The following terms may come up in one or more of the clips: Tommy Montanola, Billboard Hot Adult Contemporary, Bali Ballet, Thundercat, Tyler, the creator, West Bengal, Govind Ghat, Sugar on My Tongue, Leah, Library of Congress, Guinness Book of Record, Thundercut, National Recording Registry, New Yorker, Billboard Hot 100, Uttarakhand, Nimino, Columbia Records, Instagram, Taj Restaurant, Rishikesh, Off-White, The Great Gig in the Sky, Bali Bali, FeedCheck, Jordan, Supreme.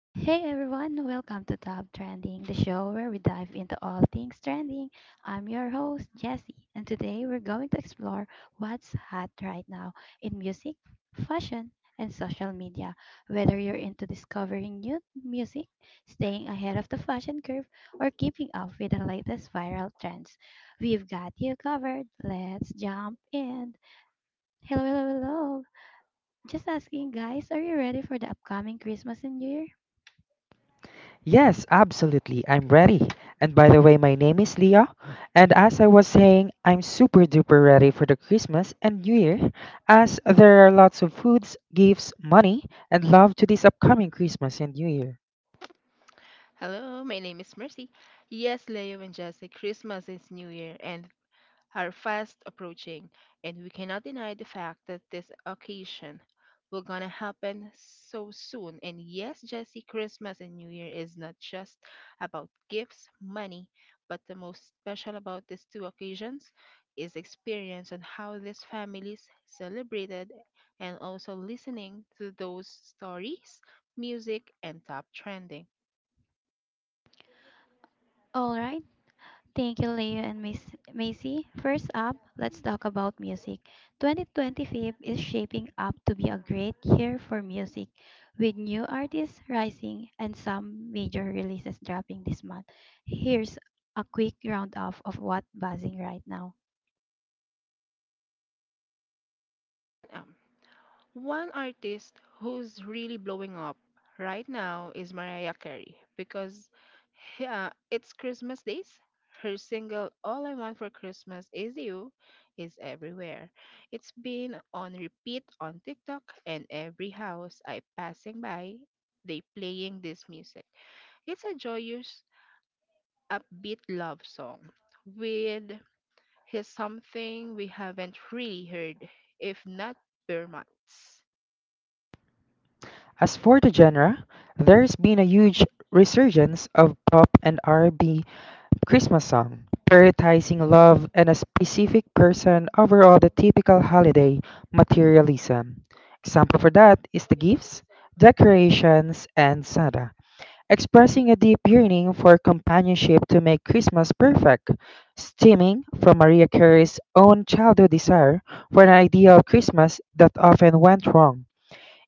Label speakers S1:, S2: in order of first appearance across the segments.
S1: Hey everyone, welcome to Top Trending, the show where we dive into all things trending. I'm your host, Jessie, and today we're going to explore what's hot right now in music, fashion, and social media. Whether you're into discovering new music, staying ahead of the fashion curve, or keeping up with the latest viral trends, we've got you covered. Let's jump in. Hello, hello, hello. Just asking, guys, are you ready for the upcoming Christmas and New Year?
S2: Yes, absolutely. I'm ready. And by the way, my name is Leah. And as I was saying, I'm super duper ready for the Christmas and New Year, as there are lots of foods, gifts, money, and love to this upcoming Christmas and New Year.
S3: Hello, my name is Mercy. Yes, Leo and Jesse, Christmas is New Year and are fast approaching, and we cannot deny the fact that this occasion will gonna happen so soon. And yes, Jesse, Christmas and New Year is not just about gifts, money, but the most special about these two occasions is experience on how these families celebrated and also listening to those stories, music, and top trending.
S1: All right. Thank you, Leo and Miss Macy. First up, let's talk about music. 2025 is shaping up to be a great year for music, with new artists rising and some major releases dropping this month. Here's a quick roundup of what's buzzing right now.
S3: Um, One artist who's really blowing up right now is Mariah Carey because it's Christmas days. Her single All I Want for Christmas Is You is everywhere. It's been on repeat on TikTok and every house I passing by, they playing this music. It's a joyous, upbeat love song with here's something we haven't really heard, if not per months.
S2: As for the genre, there's been a huge resurgence of pop and R&B Christmas song, prioritizing love and a specific person over all the typical holiday materialism. Example for that is the gifts, decorations, and Santa, expressing a deep yearning for companionship to make Christmas perfect, stemming from Maria Carey's own childhood desire for an ideal Christmas that often went wrong.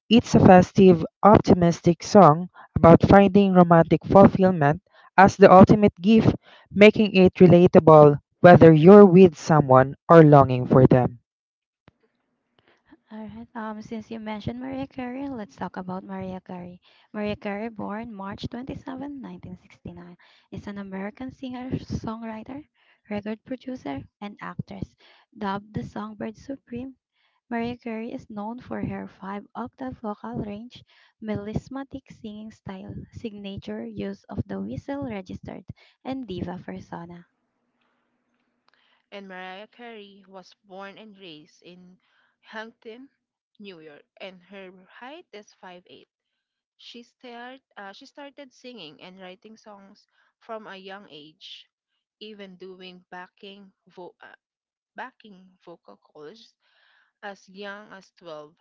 S2: It's a festive, optimistic song about finding romantic fulfillment as the ultimate gift, making it relatable whether you're with someone or longing for them.
S1: All right. Since you mentioned Maria Carey, let's talk about Maria Carey. Maria Carey, born March 27, 1969, is an American singer, songwriter, record producer, and actress. Dubbed the Songbird Supreme, Maria Carey is known for her five-octave vocal range, melismatic singing style, signature use of the whistle registered, and diva persona.
S3: And Mariah Carey was born and raised in Huntington, New York, and her height is 5'8". She started singing and writing songs from a young age, even doing backing vocal calls as young as 12.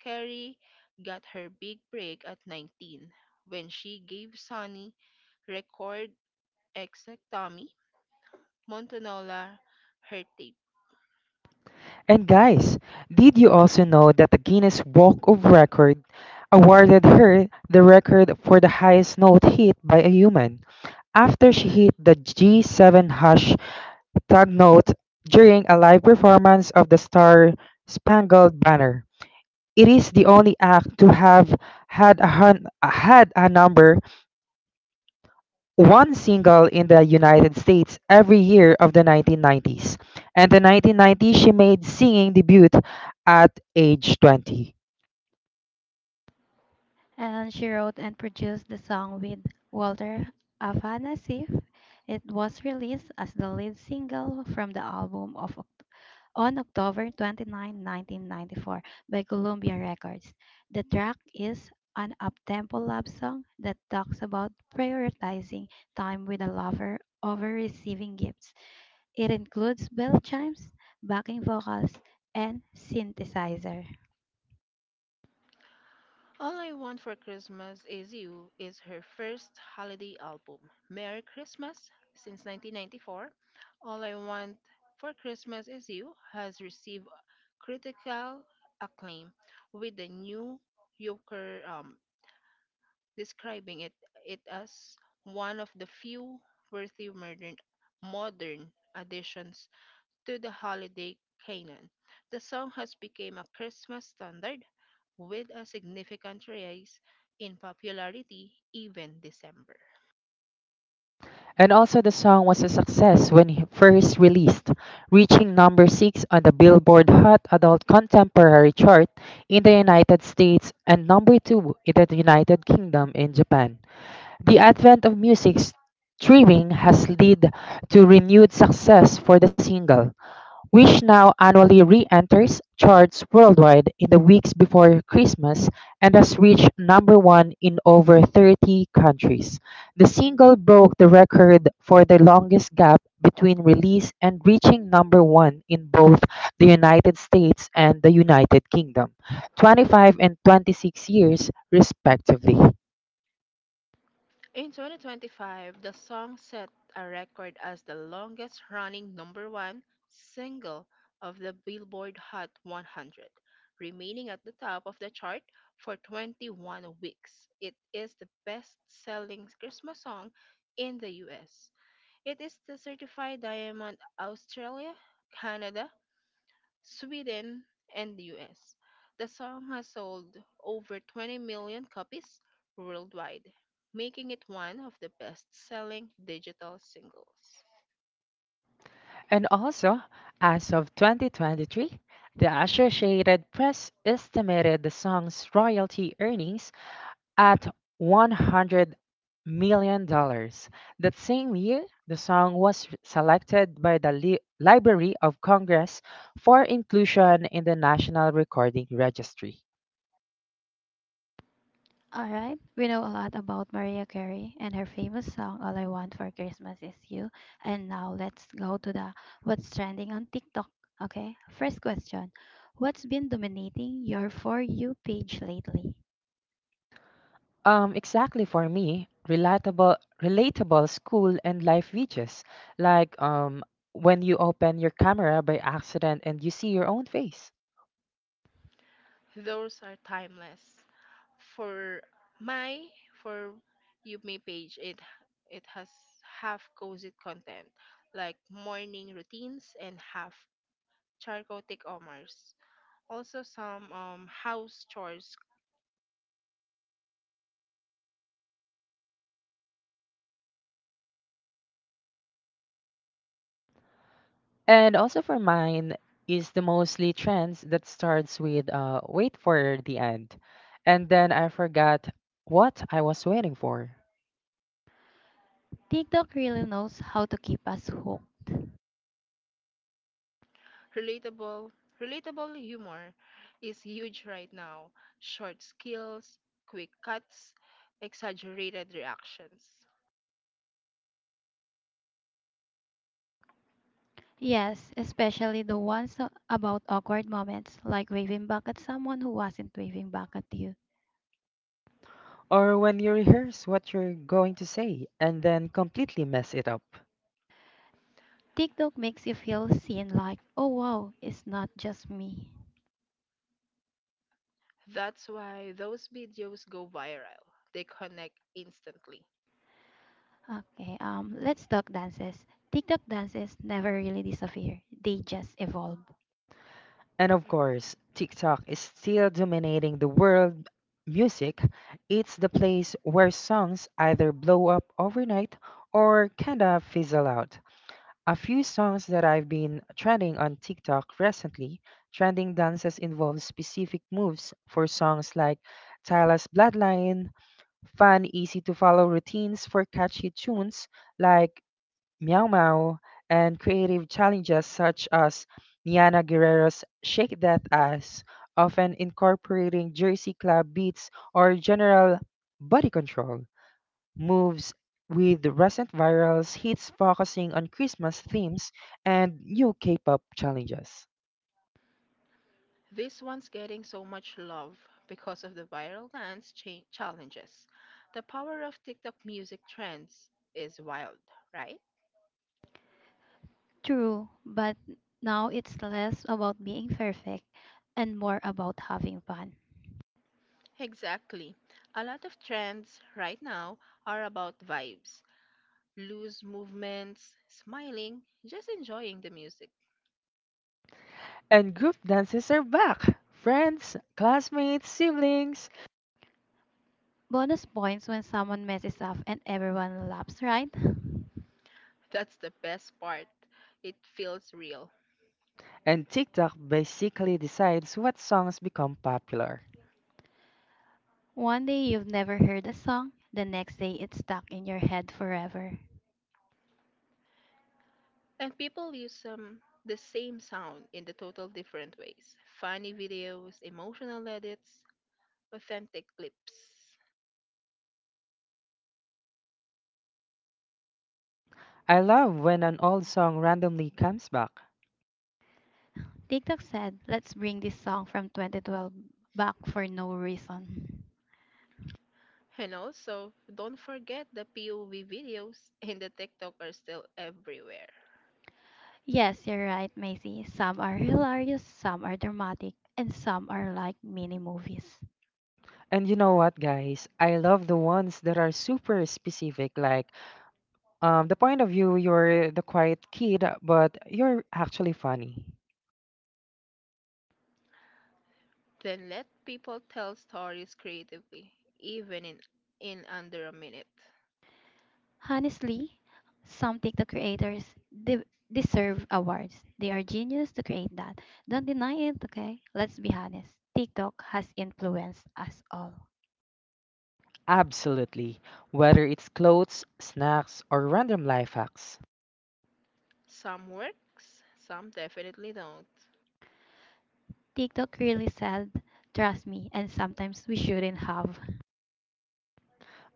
S3: Carey got her big break at 19 when she gave Sonny record Exec Tommy Montanola her tape.
S2: And guys, did you also know that the Guinness Book of Record awarded her the record for the highest note hit by a human after she hit the G7 hash tag note during a live performance of the Star Spangled Banner? It is the only act to have had a number one single in the United States every year of the 1990s. And the 1990s, she made singing debut at age 20.
S1: And she wrote and produced the song with Walter Afanasieff. It was released as the lead single from the album of on October 29, 1994 by Columbia Records. The track is an up-tempo love song that talks about prioritizing time with a lover over receiving gifts. It includes bell chimes, backing vocals, and synthesizer.
S3: All I Want for Christmas Is You is her first holiday album. Merry Christmas since 1994. All I Want for Christmas Is You has received critical acclaim, with the New Yorker describing it as one of the few worthy modern additions to the holiday canon. The song has become a Christmas standard with a significant rise in popularity even December.
S2: And also, the song was a success when he first released, reaching number 6 on the Billboard Hot Adult Contemporary chart in the United States and number 2 in the United Kingdom and Japan. The advent of music streaming has led to renewed success for the single, which now annually re-enters charts worldwide in the weeks before Christmas and has reached number 1 in over 30 countries. The single broke the record for the longest gap between release and reaching number 1 in both the United States and the United Kingdom, 25 and 26 years respectively.
S3: In 2025, the song set a record as the longest running number one single of the Billboard Hot 100, remaining at the top of the chart for 21 weeks. It is the best selling Christmas song in the US. It is the certified diamond Australia, Canada, Sweden, and the US. The song has sold over 20 million copies worldwide, making it one of the best-selling digital singles.
S2: And also, as of 2023, the Associated Press estimated the song's royalty earnings at $100 million dollars. That same year, the song was selected by the Library of Congress for inclusion in the National Recording Registry.
S1: All right, we know a lot about Mariah Carey and her famous song All I Want for Christmas Is You. And now let's go to the what's trending on TikTok. Okay, first question: what's been dominating your For You page lately?
S2: Exactly for me, relatable school and life videos, like when you open your camera by accident and you see your own face.
S3: Those are timeless. For my for you may page it has half cozy content like morning routines and half charcoal takeovers also some house chores.
S2: And also for mine is the mostly trends that starts with wait for the end, and then I forgot what I was waiting for,
S1: TikTok really knows how to keep us hooked.
S3: Relatable, relatable humor is huge right now. Short skills, quick cuts, exaggerated reactions.
S1: Yes, especially the ones about awkward moments like waving back at someone who wasn't waving back at you.
S2: or when you rehearse what you're going to say and then completely mess it up.
S1: TikTok makes you feel seen like, oh wow, it's not just me.
S3: That's why those videos go viral. They connect instantly.
S1: Okay, let's talk dances. TikTok dances never really disappear, they just evolve.
S2: And of course, TikTok is still dominating the world music. It's the place where songs either blow up overnight or kinda fizzle out. A few songs that I've been trending on TikTok recently, trending dances involve specific moves for songs like Tyler's Bloodline, fun, easy to follow routines for catchy tunes like Meow Meow, and creative challenges such as Niana Guerrero's Shake That Ass, often incorporating Jersey Club beats or general body control moves with recent viral hits focusing on Christmas themes and new K-pop challenges.
S3: This one's getting so much love because of the viral dance challenges. The power of TikTok music trends is wild, right?
S1: True, but now it's less about being perfect and more about having fun.
S3: Exactly. A lot of trends right now are about vibes, loose movements, smiling, just enjoying the music.
S2: And group dances are back. Friends, classmates, siblings,
S1: Bonus points when someone messes up and everyone laughs, right?
S3: That's the best part. It feels real.
S2: and TikTok basically decides what songs become popular.
S1: One day you've never heard a song, the next day it's stuck in your head forever.
S3: And people use the same sound in the total different ways funny videos, emotional edits, authentic clips.
S2: I love when an old song randomly comes back.
S1: TikTok said, let's bring this song from 2012 back for no reason.
S3: And also, don't forget the POV videos and the TikTok are still everywhere.
S1: Yes, you're right, Macy. Some are hilarious, some are dramatic, and some are like mini movies.
S2: And you know what, guys? I love the ones that are super specific, like the point of view, you're the quiet kid, but you're actually funny.
S3: Then let people tell stories creatively, even in under a minute.
S1: Honestly, some TikTok creators deserve awards. They are genius to create that. Don't deny it, okay? Let's be honest. TikTok has influenced us all.
S2: Absolutely. Whether it's clothes, snacks, or random life hacks.
S3: Some works, some definitely don't.
S1: TikTok really said, trust me, and sometimes we shouldn't have.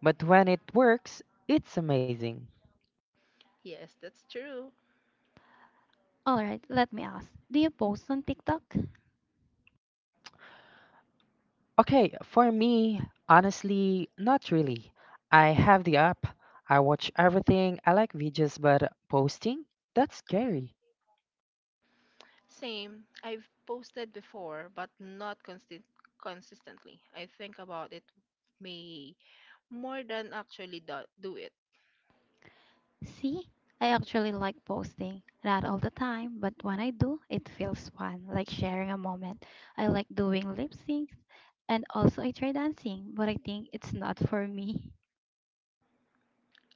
S2: But when it works, it's amazing.
S3: Yes, that's true.
S1: Alright, let me ask. Do you post on TikTok?
S2: Okay, for me, honestly, not really. I have the app, I watch everything, I like videos, but posting? That's scary.
S3: Same, I've posted before, but not consistently. I think about it may more than actually do it.
S1: See, I actually like posting. Not all the time, but when I do, it feels fun, like sharing a moment. I like doing lip syncs and also I try dancing, but I think it's not for me.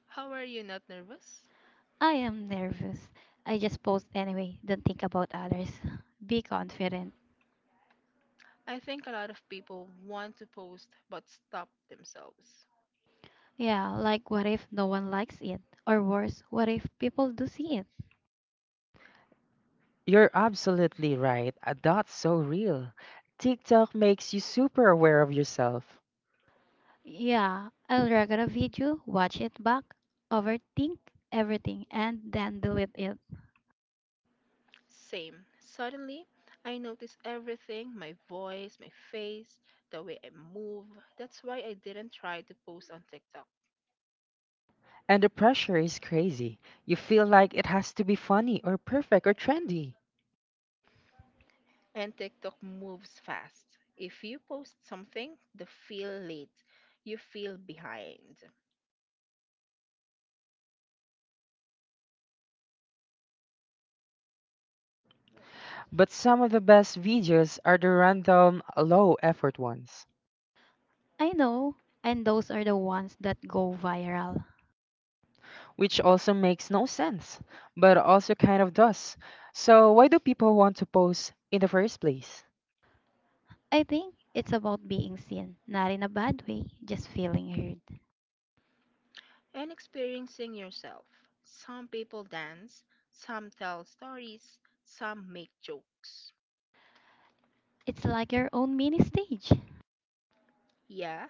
S3: How are you not nervous?
S1: I am nervous. I just post anyway, don't think about others. Be confident.
S3: I think a lot of people want to post but stop themselves.
S1: Yeah, like what if no one likes it? Or worse, what if people do see it?
S2: You're absolutely right. That's so real. TikTok makes you super aware of yourself.
S1: Yeah, I'll record a video, watch it back, overthink everything, and then delete it.
S3: Same. Suddenly, I notice everything my voice, my face, the way I move. That's why I didn't try to post on TikTok.
S2: And the pressure is crazy. You feel like it has to be funny or perfect or trendy.
S3: And TikTok moves fast. If you post something, the feel late, you feel behind.
S2: But some of the best videos are the random, low effort ones,
S1: I know, and those are the ones that go viral.
S2: which also makes no sense, but also kind of does. So, why do people want to post in the first place?
S1: I think it's about being seen, not in a bad way, just feeling heard.
S3: And experiencing yourself. Some people dance, some tell stories, some make jokes.
S1: It's like your own mini stage,
S3: Yeah,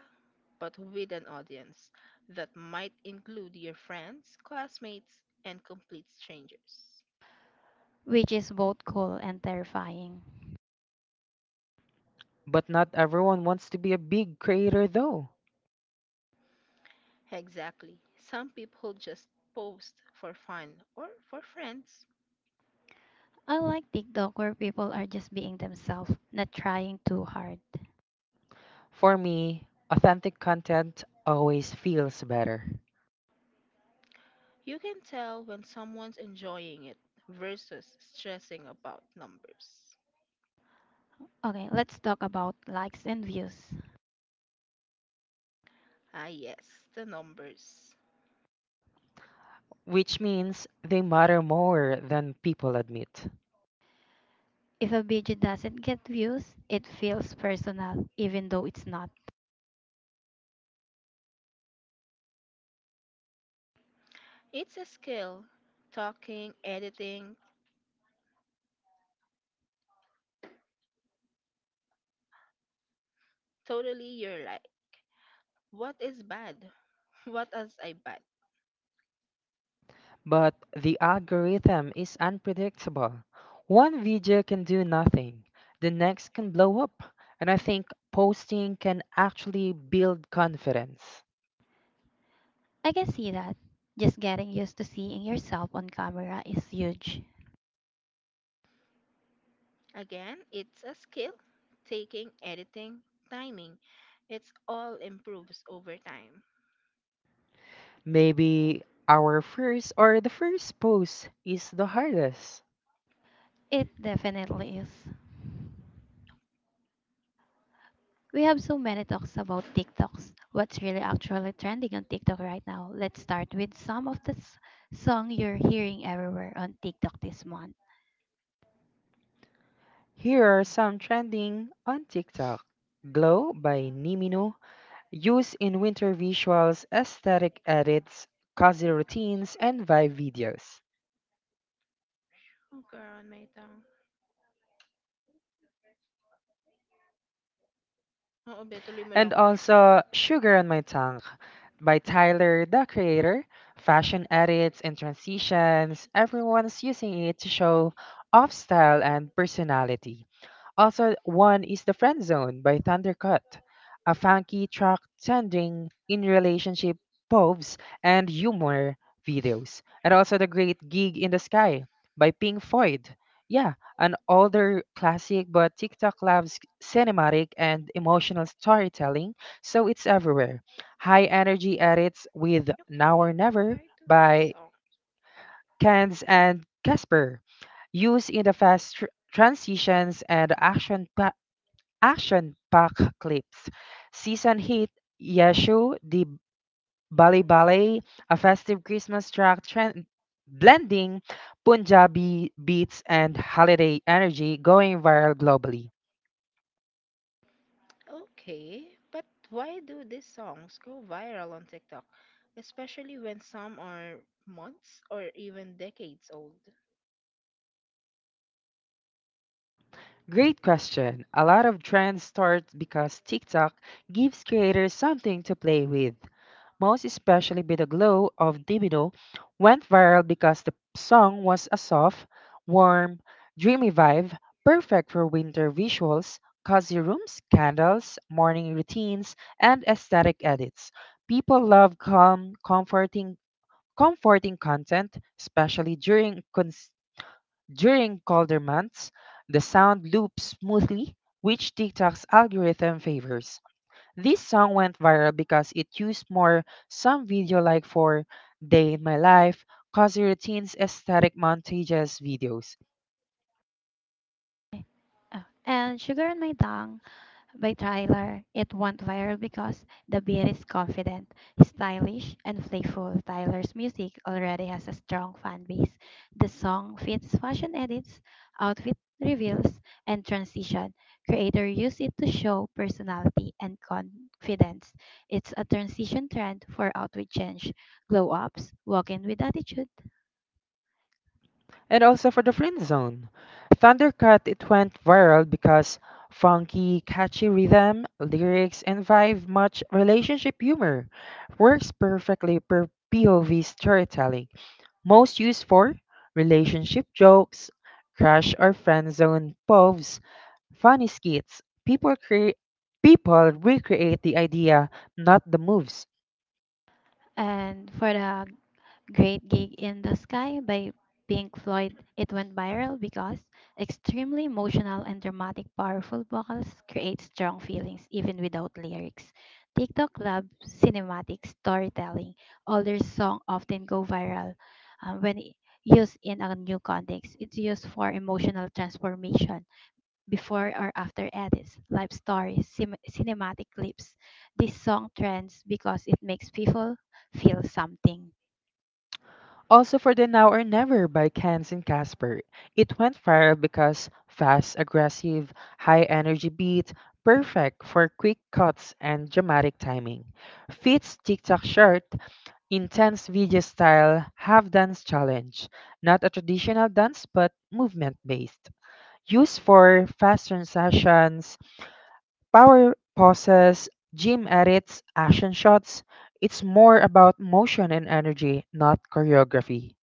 S3: but with an audience that might include your friends, classmates, and complete strangers.
S1: which is both cool and terrifying.
S2: But not everyone wants to be a big creator, though.
S3: Exactly. Some people just post for fun or for friends.
S1: I like TikTok where people are just being themselves, not trying too hard.
S2: For me, authentic content always feels better,
S3: You can tell when someone's enjoying it versus stressing about numbers.
S1: Okay, let's talk about likes and views.
S3: Ah, yes, the numbers.
S2: which means they matter more than people admit.
S1: If a video doesn't get views, it feels personal, even though it's not.
S3: It's a skill. Talking, editing, totally your life. What is bad? What is I bad?
S2: But the algorithm is unpredictable. One video can do nothing, the next can blow up. And I think posting can actually build confidence.
S1: I can see that. Just getting used to seeing yourself on camera is huge.
S3: Again, it's a skill, taking, editing, timing. It's all improves over time.
S2: Maybe our first or the first post is the hardest.
S1: It definitely is. We have so many talks about TikToks. What's really actually trending on TikTok right now? Let's start with some of the song you're hearing everywhere on TikTok this month.
S2: Here are some trending on TikTok. Glow by Nimino, use in winter visuals, aesthetic edits, cozy routines, and vibe videos.
S3: Oh, girl, on my tongue. Oo, be, tuloy mo
S2: And
S3: lang.
S2: also
S3: Okay,
S2: Sugar on My Tongue by Tyler, the creator. Fashion edits and transitions, everyone's using it to show off style and personality. Also, one is The Friend Zone by Thundercut, a funky track trending in relationship poves and humor videos. And also The Great Gig in the Sky by Pink Floyd. Yeah, an older classic, but TikTok loves cinematic and emotional storytelling, so it's everywhere. High energy edits with Now or
S3: but
S2: Never
S3: why do
S2: by
S3: this song?
S2: Cans and Casper used in the fast transitions and action packed clips. Season hit Yeshu, the Bali Ballet, a festive Christmas track trend, blending Punjabi beats and holiday energy going viral globally.
S3: Okay, but why do these songs go viral on TikTok, especially when some are months or even decades old,
S2: Great question. A lot of trends start because TikTok gives creators something to play with. Most especially with the glow of Divino, went viral because the song was a soft, warm, dreamy vibe, perfect for winter visuals, cozy rooms, candles, morning routines, and aesthetic edits. People love calm, comforting content, especially during during colder months. The sound loops smoothly, which TikTok's algorithm favors. This song went viral because it used more some video like for Day in My Life, Cozy Routines, aesthetic montages videos,
S1: And Sugar on My Tongue by Tyler. It went viral because the beat is confident, stylish, and playful. Tyler's music already has a strong fan base. The song fits fashion edits, outfit reveals, and transition. Creator use it to show personality and confidence. It's a transition trend for outfit change, glow ups, walk in with attitude.
S2: and also for the Friend Zone. Thundercat it went viral because funky, catchy rhythm, lyrics, and vibe much relationship humor. Works perfectly per POV storytelling. Most used for relationship jokes, crush or friend zone poves funny skits. People recreate the idea, not the moves.
S1: And for the Great Gig in the Sky by Pink Floyd. It went viral because extremely emotional and dramatic, powerful vocals create strong feelings even without lyrics. TikTok Lab cinematic storytelling. Older songs often go viral when used in a new context. It's used for emotional transformation before or after edits, live stories, cinematic clips. This song trends because it makes people feel something.
S2: Also for the Now or Never by Cans and Casper. It went viral because fast, aggressive, high energy beat, perfect for quick cuts and dramatic timing. Fits TikTok shirt, intense video style, half dance challenge. Not a traditional dance but movement based. Used for fast transitions, power pauses, gym edits, action shots. It's more about motion and energy, not choreography.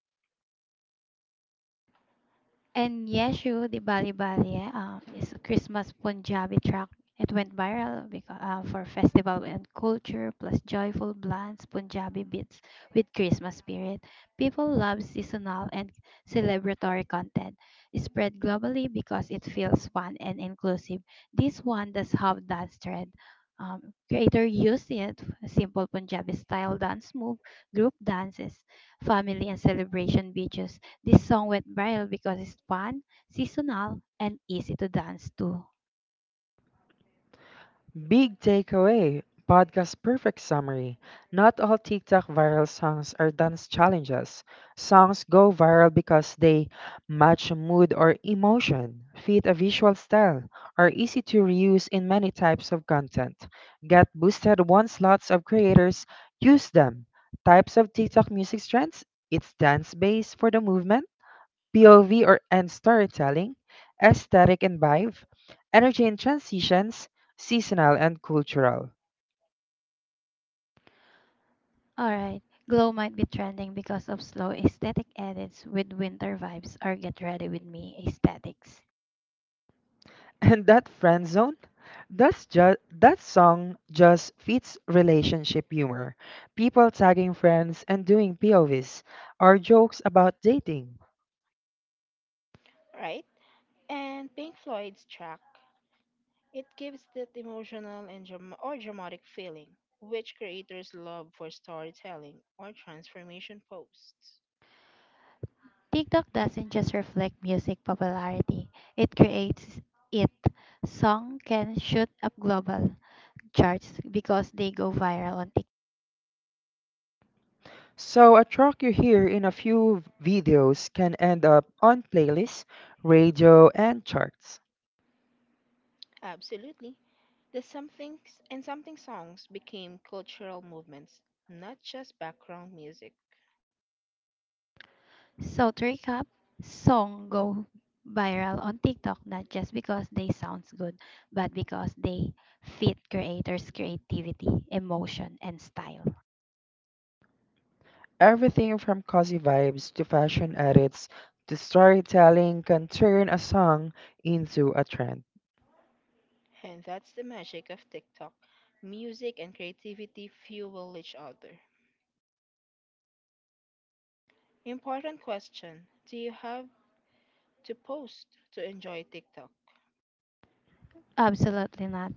S1: And Yeshu, the Bali Bali, is a Christmas Punjabi track. It went viral because, for festival and culture, plus joyful blends, Punjabi beats with Christmas spirit. People love seasonal and celebratory content. It spread globally because it feels fun and inclusive. This one does have dance thread. Creator used it, a simple Punjabi style dance move, group dances, family and celebration videos. This song went viral because it's fun, seasonal, and easy to dance to.
S2: Big takeaway, podcast perfect summary. Not all TikTok viral songs are dance challenges. Songs go viral because they match mood or emotion, fit a visual style, are easy to reuse in many types of content. Get boosted once lots of creators use them. Types of TikTok music trends, it's dance based for the movement POV or and storytelling, aesthetic and vibe, energy and transitions, seasonal and cultural.
S1: Alright, Glow might be trending because of slow aesthetic edits with winter vibes or get ready with me aesthetics.
S2: And that friend zone, that song just fits relationship humor. People tagging friends and doing POVs or jokes about dating.
S3: right? And Pink Floyd's track It gives that emotional and dram- or dramatic feeling, which creators love for storytelling or transformation posts.
S1: TikTok doesn't just reflect music popularity, it creates it. Song can shoot up global charts because they go viral on TikTok.
S2: So a track you hear in a few videos can end up on playlists, radio, and charts.
S3: Absolutely, the somethings and something songs became cultural movements, not just background music.
S1: So to recap, song go viral on TikTok not just because they sounds good, but because they fit creators' creativity, emotion, and style.
S2: Everything from cozy vibes to fashion edits to storytelling can turn a song into a trend. one
S3: And that's the magic of TikTok. Music and creativity fuel each other. Important question Do you have to post to enjoy TikTok?
S1: Absolutely not.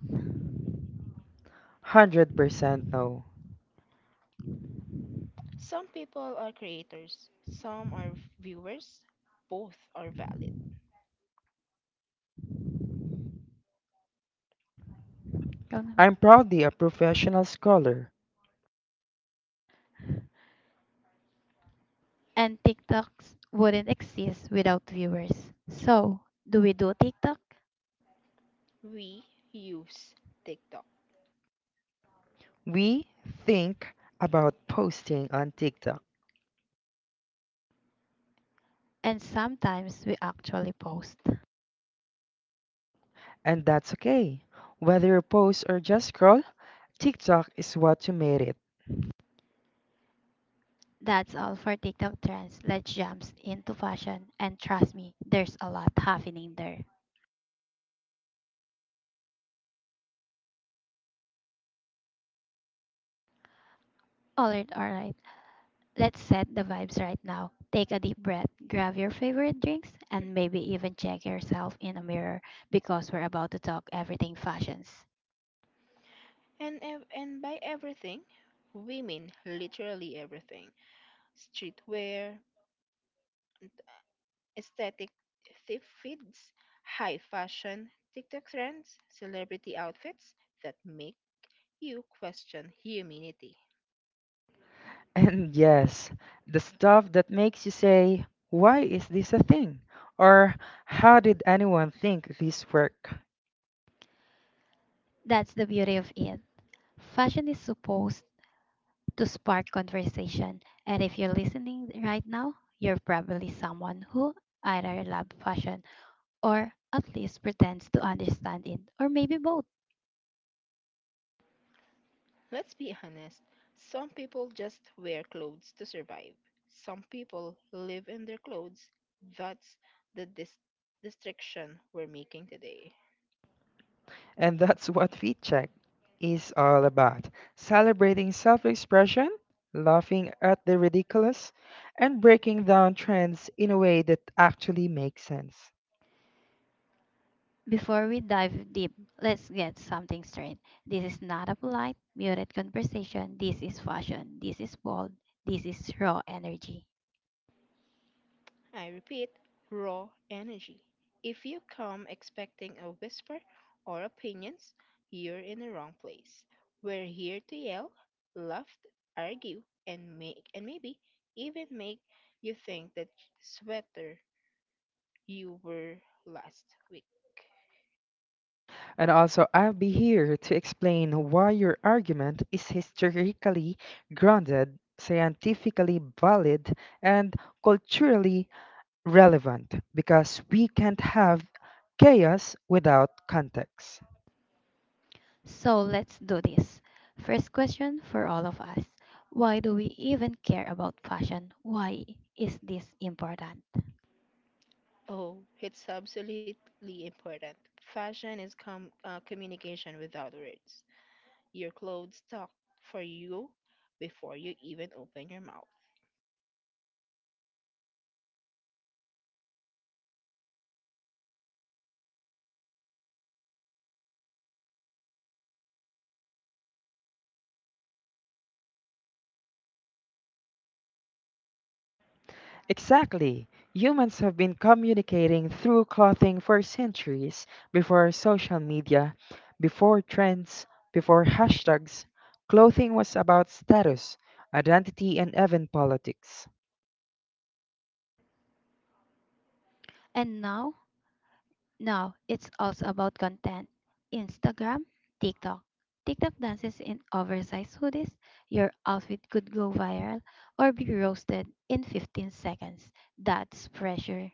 S2: Hundred percent no.
S3: Some people are creators, some are viewers, both are valid.
S1: Ikaw naman.
S2: I'm proudly a professional scholar.
S1: And TikToks wouldn't exist without viewers. So, do we do TikTok?
S3: We use TikTok.
S2: We think about posting on TikTok,
S1: And sometimes we actually post.
S2: and that's okay. Whether you post or just scroll, TikTok is what you made it.
S1: That's all for TikTok trends. Let's jump into fashion. And trust me, there's a lot happening there. Alright, alright. Let's set the vibes right now. Take a deep breath, grab your favorite drinks, and maybe even check yourself in a mirror because we're about to talk everything fashions.
S3: And by everything, we mean literally everything streetwear, aesthetic thief feeds, high fashion, TikTok trends, celebrity outfits that make you question humanity.
S2: And yes, the stuff that makes you say, why is this a thing? Or how did anyone think this work?
S1: That's the beauty of it. Fashion is supposed to spark conversation, and if you're listening right now, you're probably someone who either loves fashion or at least pretends to understand it, or maybe both.
S3: Let's be honest, some people just wear clothes to survive. Some people live in their clothes. That's the distinction we're making today.
S2: And that's what FeedCheck is all about, celebrating self expression, laughing at the ridiculous, and breaking down trends in a way that actually makes sense.
S1: Before we dive deep, let's get something straight. This is not a polite, muted conversation. This is fashion. This is bold. This is raw energy.
S3: I repeat, raw energy. If you come expecting a whisper or opinions, you're in the wrong place. We're here to yell, laugh, argue, and maybe even make you think that sweater you were last week.
S2: And also, I'll be here to explain why your argument is historically grounded, scientifically valid, and culturally relevant because we can't have chaos without context.
S1: So let's do this. First question for all of us: why do we even care about fashion? Why is this important?
S3: Oh, it's absolutely important. Fashion is communication without words. Your clothes talk for you before you even open your mouth.
S2: Exactly. Humans have been communicating through clothing for centuries before social media, before trends, before hashtags. Clothing was about status, identity, and even politics.
S1: And now now it's also about content. Instagram, TikTok. TikTok dances in oversized hoodies. Your outfit could go viral or be roasted in 15 seconds. That's pressure.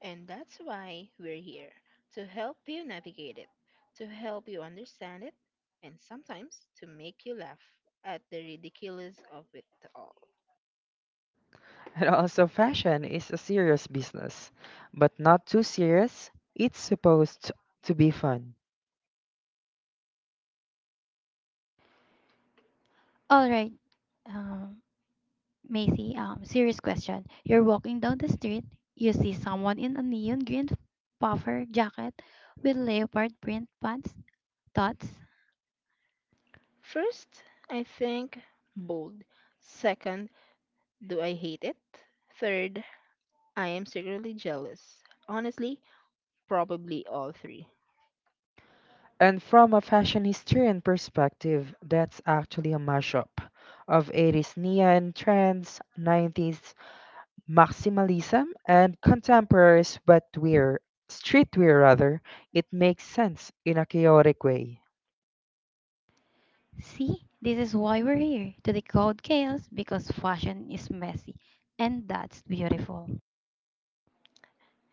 S3: And that's why we're here to help you navigate it, to help you understand it, and sometimes to make you laugh at the ridiculous of it all.
S2: And also, fashion is a serious business, but not too serious. It's supposed to be fun.
S1: All right, um, Macy, serious question. You're walking down the street, you see someone in a neon green puffer jacket with leopard print pants. Thoughts?
S3: First, I think bold. Second, do I hate it? Third, I am secretly jealous. Honestly, probably all three.
S2: And from a fashion historian perspective, that's actually a mashup of 80s neon trends, 90s maximalism, and contemporary streetwear rather. It makes sense in a chaotic way.
S1: See, this is why we're here to decode chaos because fashion is messy, and that's beautiful.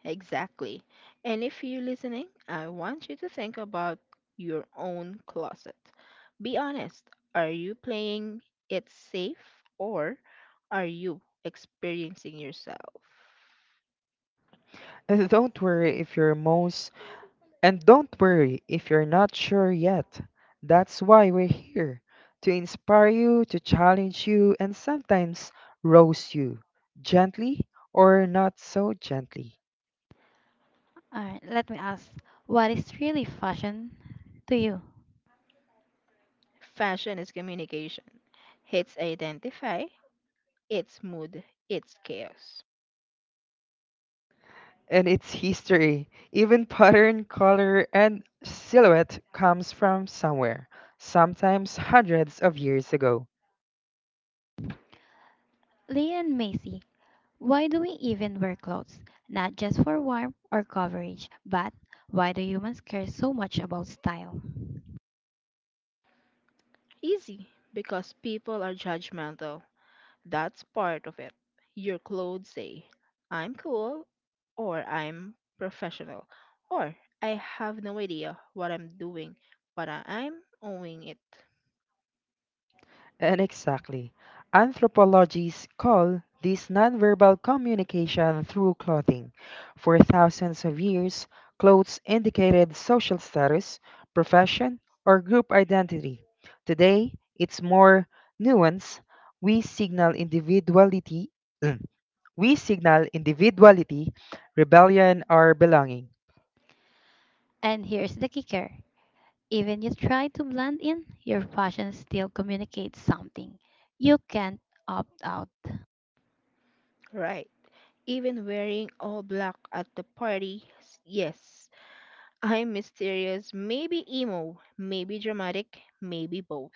S3: Exactly. And if you're listening, I want you to think about your own closet. Be honest. Are you playing it safe or are you experiencing yourself?
S2: And don't worry if your most And don't worry if you're not sure yet. That's why we're here to inspire you, to challenge you, and sometimes roast you gently or not so gently.
S1: Alright, let me ask, what is really fashion to you?
S3: Fashion is communication. It's identify, it's mood, it's chaos.
S2: And it's history. Even pattern, color, and silhouette comes from somewhere, sometimes hundreds of years ago.
S1: Leah and Macy, why do we even wear clothes? Not just for warmth or coverage, but why do humans care so much about style?
S3: Easy because people are judgmental. That's part of it. Your clothes say, I'm cool, or I'm professional, or I have no idea what I'm doing, but I'm owning it.
S2: And exactly. Anthropologists call this nonverbal communication through clothing. For thousands of years, clothes indicated social status, profession, or group identity. Today, it's more nuanced. We signal individuality, we signal individuality, rebellion, or belonging,
S1: And here's the kicker: even you try to blend in, your fashion still communicates something. You can't opt out.
S3: Right. Even wearing all black at the party, yes, I'm mysterious, maybe emo, maybe dramatic, maybe both.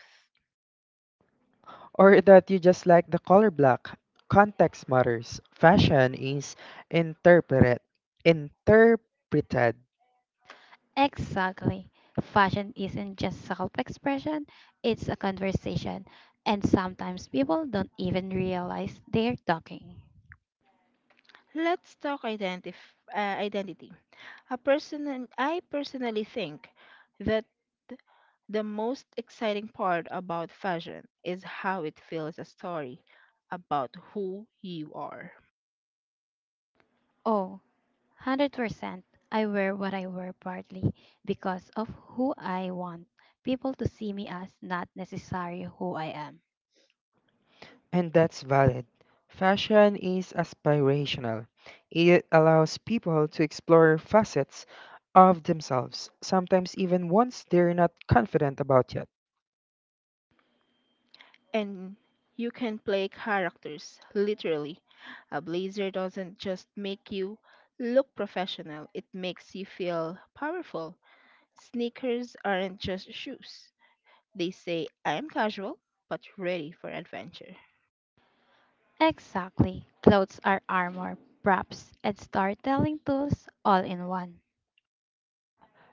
S2: or that you just like the color black. Context matters. Fashion is interpreted, interpreted,
S1: Exactly. Fashion isn't just self expression, it's a conversation. And sometimes people don't even realize they're talking.
S3: Let's talk identity. A person I personally think that The most exciting part about fashion is how it feels a story about who you are.
S1: Oh, 100%. I wear what I wear partly because of who I want people to see me as, not necessarily who I am.
S2: and that's valid. Fashion is aspirational. It allows people to explore facets of themselves, sometimes even ones they're not confident about yet.
S3: And you can play characters, literally. A blazer doesn't just make you look professional, it makes you feel powerful. Sneakers aren't just shoes, they say, I'm casual, but ready for adventure.
S1: Exactly. Clothes are armor, props, and storytelling tools all in one.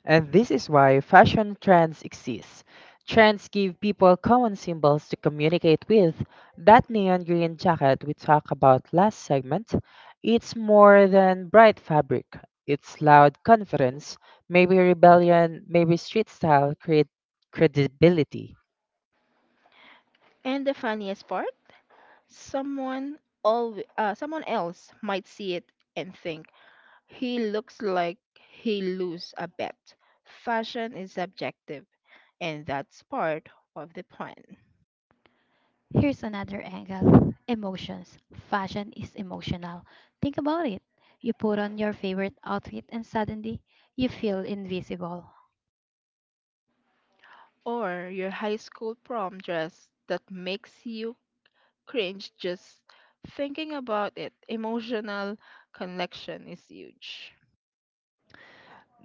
S2: And this is why fashion trends exist. Trends give people common symbols to communicate with. That neon green jacket we talked about last segment, it's more than bright fabric. It's loud confidence, maybe rebellion, maybe street style create credibility.
S3: And the funniest part? Someone, someone else might see it and think, He looks like he lose a bet. Fashion is subjective, and that's part of the plan.
S1: Here's another angle: emotions. Fashion is emotional. Think about it. You put on your favorite outfit and suddenly you feel invisible.
S3: Or your high school prom dress that makes you cringe just thinking about it. Emotional connection is huge.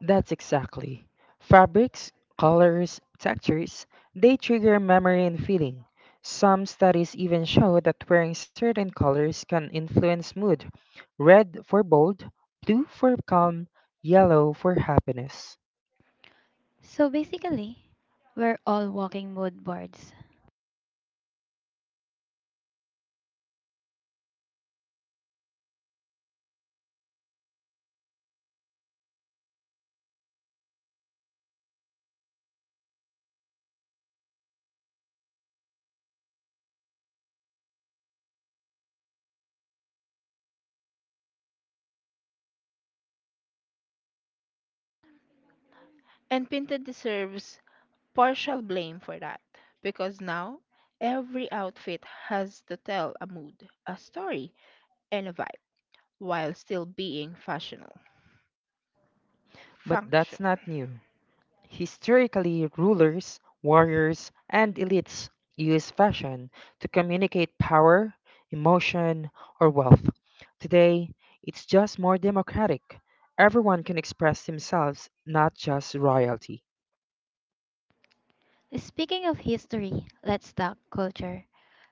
S2: That's exactly. Fabrics, colors, textures, they trigger memory and feeling. Some studies even show that wearing certain colors can influence mood. Red for bold, blue for calm, yellow for happiness.
S1: So basically, we're all walking mood boards.
S3: And Pinted deserves partial blame for that because now every outfit has to tell a mood, a story, and a vibe while still being fashionable.
S2: But that's
S3: Functional.
S2: not new. Historically, rulers, warriors, and elites used fashion to communicate power, emotion, or wealth. Today, it's just more democratic. Everyone can express themselves, not just royalty.
S1: Speaking of history, let's talk culture.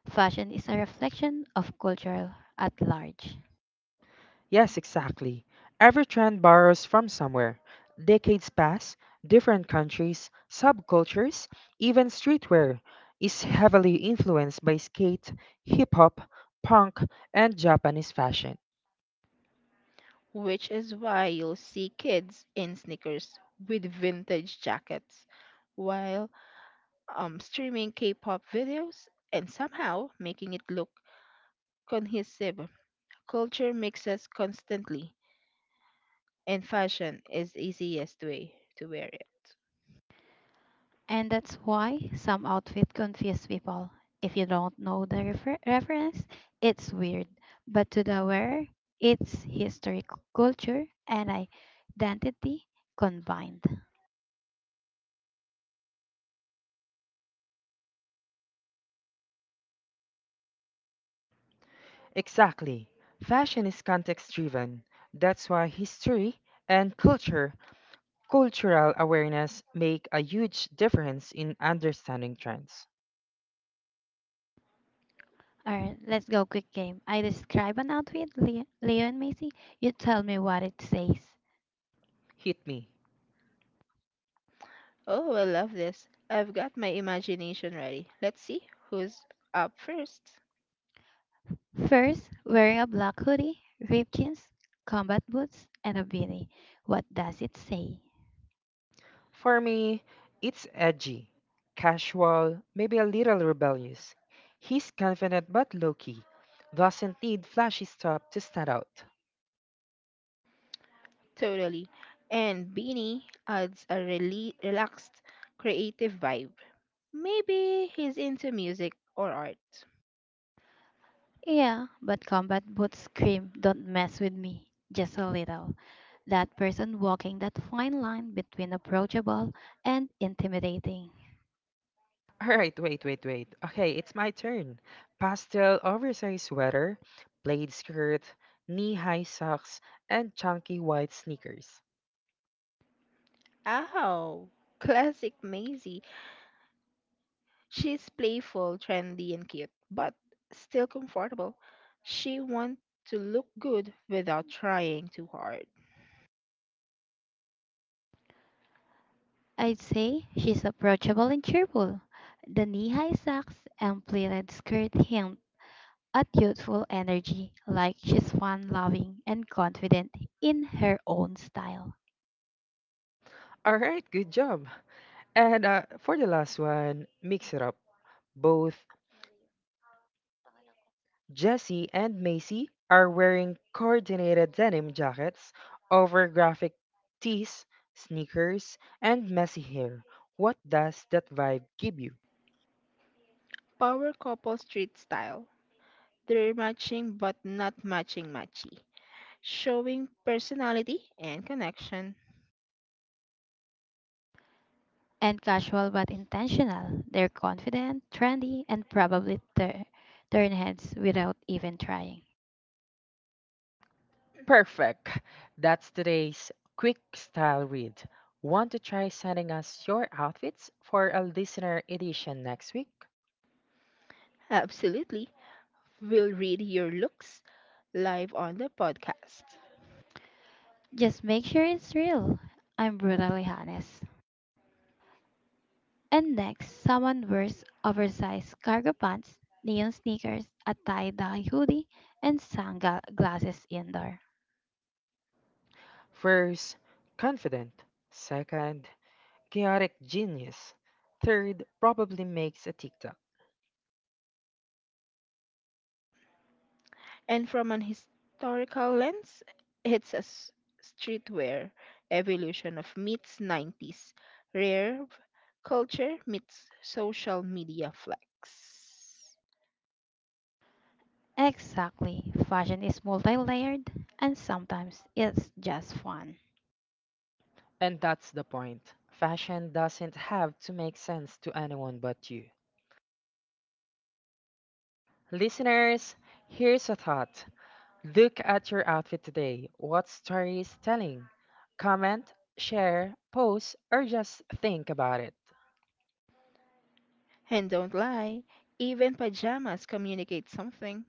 S1: Fashion is a reflection of culture at large.
S2: Yes, exactly. Every trend borrows from somewhere. Decades pass, different countries, subcultures, even streetwear is heavily influenced by skate, hip hop, punk, and Japanese fashion.
S3: Which is why you'll see kids in sneakers with vintage jackets while streaming K-pop videos and somehow making it look cohesive. Culture mixes constantly, and fashion is the easiest way to wear it.
S1: And that's why some outfits confuse people. If you don't know the reference, it's weird. But to the wearer, it's history, culture, and identity combined.
S2: Exactly. Fashion is context driven. That's why history and culture, cultural awareness make a huge difference in understanding trends.
S1: Alright, let's go quick game. I describe an outfit, Leo and Macy. You tell me what it says.
S2: Hit me.
S3: Oh, I love this. I've got my imagination ready. Let's see who's up first.
S1: First, wearing a black hoodie, ripped jeans, combat boots, and a beanie. What does it say?
S2: For me, it's edgy, casual, maybe a little rebellious. He's confident but low key, doesn't need flashy stuff to stand out.
S3: Totally. And Beanie adds a really relaxed, creative vibe Maybe he's into music or art.
S1: Yeah, but combat boots scream, don't mess with me, just a little. That person walking that fine line between approachable and intimidating.
S2: All right, wait, wait, wait. Okay, it's my turn. Pastel oversized sweater, plaid skirt, knee-high socks, and chunky white sneakers.
S3: Oh, classic Maisie. She's playful, trendy, and cute, but still comfortable. She wants to look good without trying too hard.
S1: I'd say she's approachable and cheerful. The knee-high socks and pleated skirt hint at youthful energy, like she's fun-loving and confident in her own style.
S2: All right, good job. And for the last one, mix it up. Both Jesse and Macy are wearing coordinated denim jackets over graphic tees, sneakers, and messy hair. What does that vibe give you?
S3: Power couple street style. They're matching but not matching matchy. Showing personality and connection.
S1: And casual but intentional. They're confident, trendy, and probably turn heads without even trying.
S2: Perfect. That's today's quick style read. Want to try sending us your outfits for a listener edition next week?
S3: Absolutely. We'll read your looks live on the podcast.
S1: Just make sure it's real. I'm brutally honest. And next, someone wears oversized cargo pants, neon sneakers, a tie-dye hoodie, and sunglasses indoor.
S2: First, confident. Second, chaotic genius. Third, probably makes a TikTok.
S3: And from an historical lens, it's a streetwear evolution of meets 90s rare culture meets social media flex.
S1: Exactly. Fashion is multi-layered and sometimes it's just fun.
S2: And that's the point. Fashion doesn't have to make sense to anyone but you. Listeners, here's a thought. Look at your outfit today. What story is telling? Comment, share, post, or just think about it.
S3: And don't lie, even pajamas communicate something.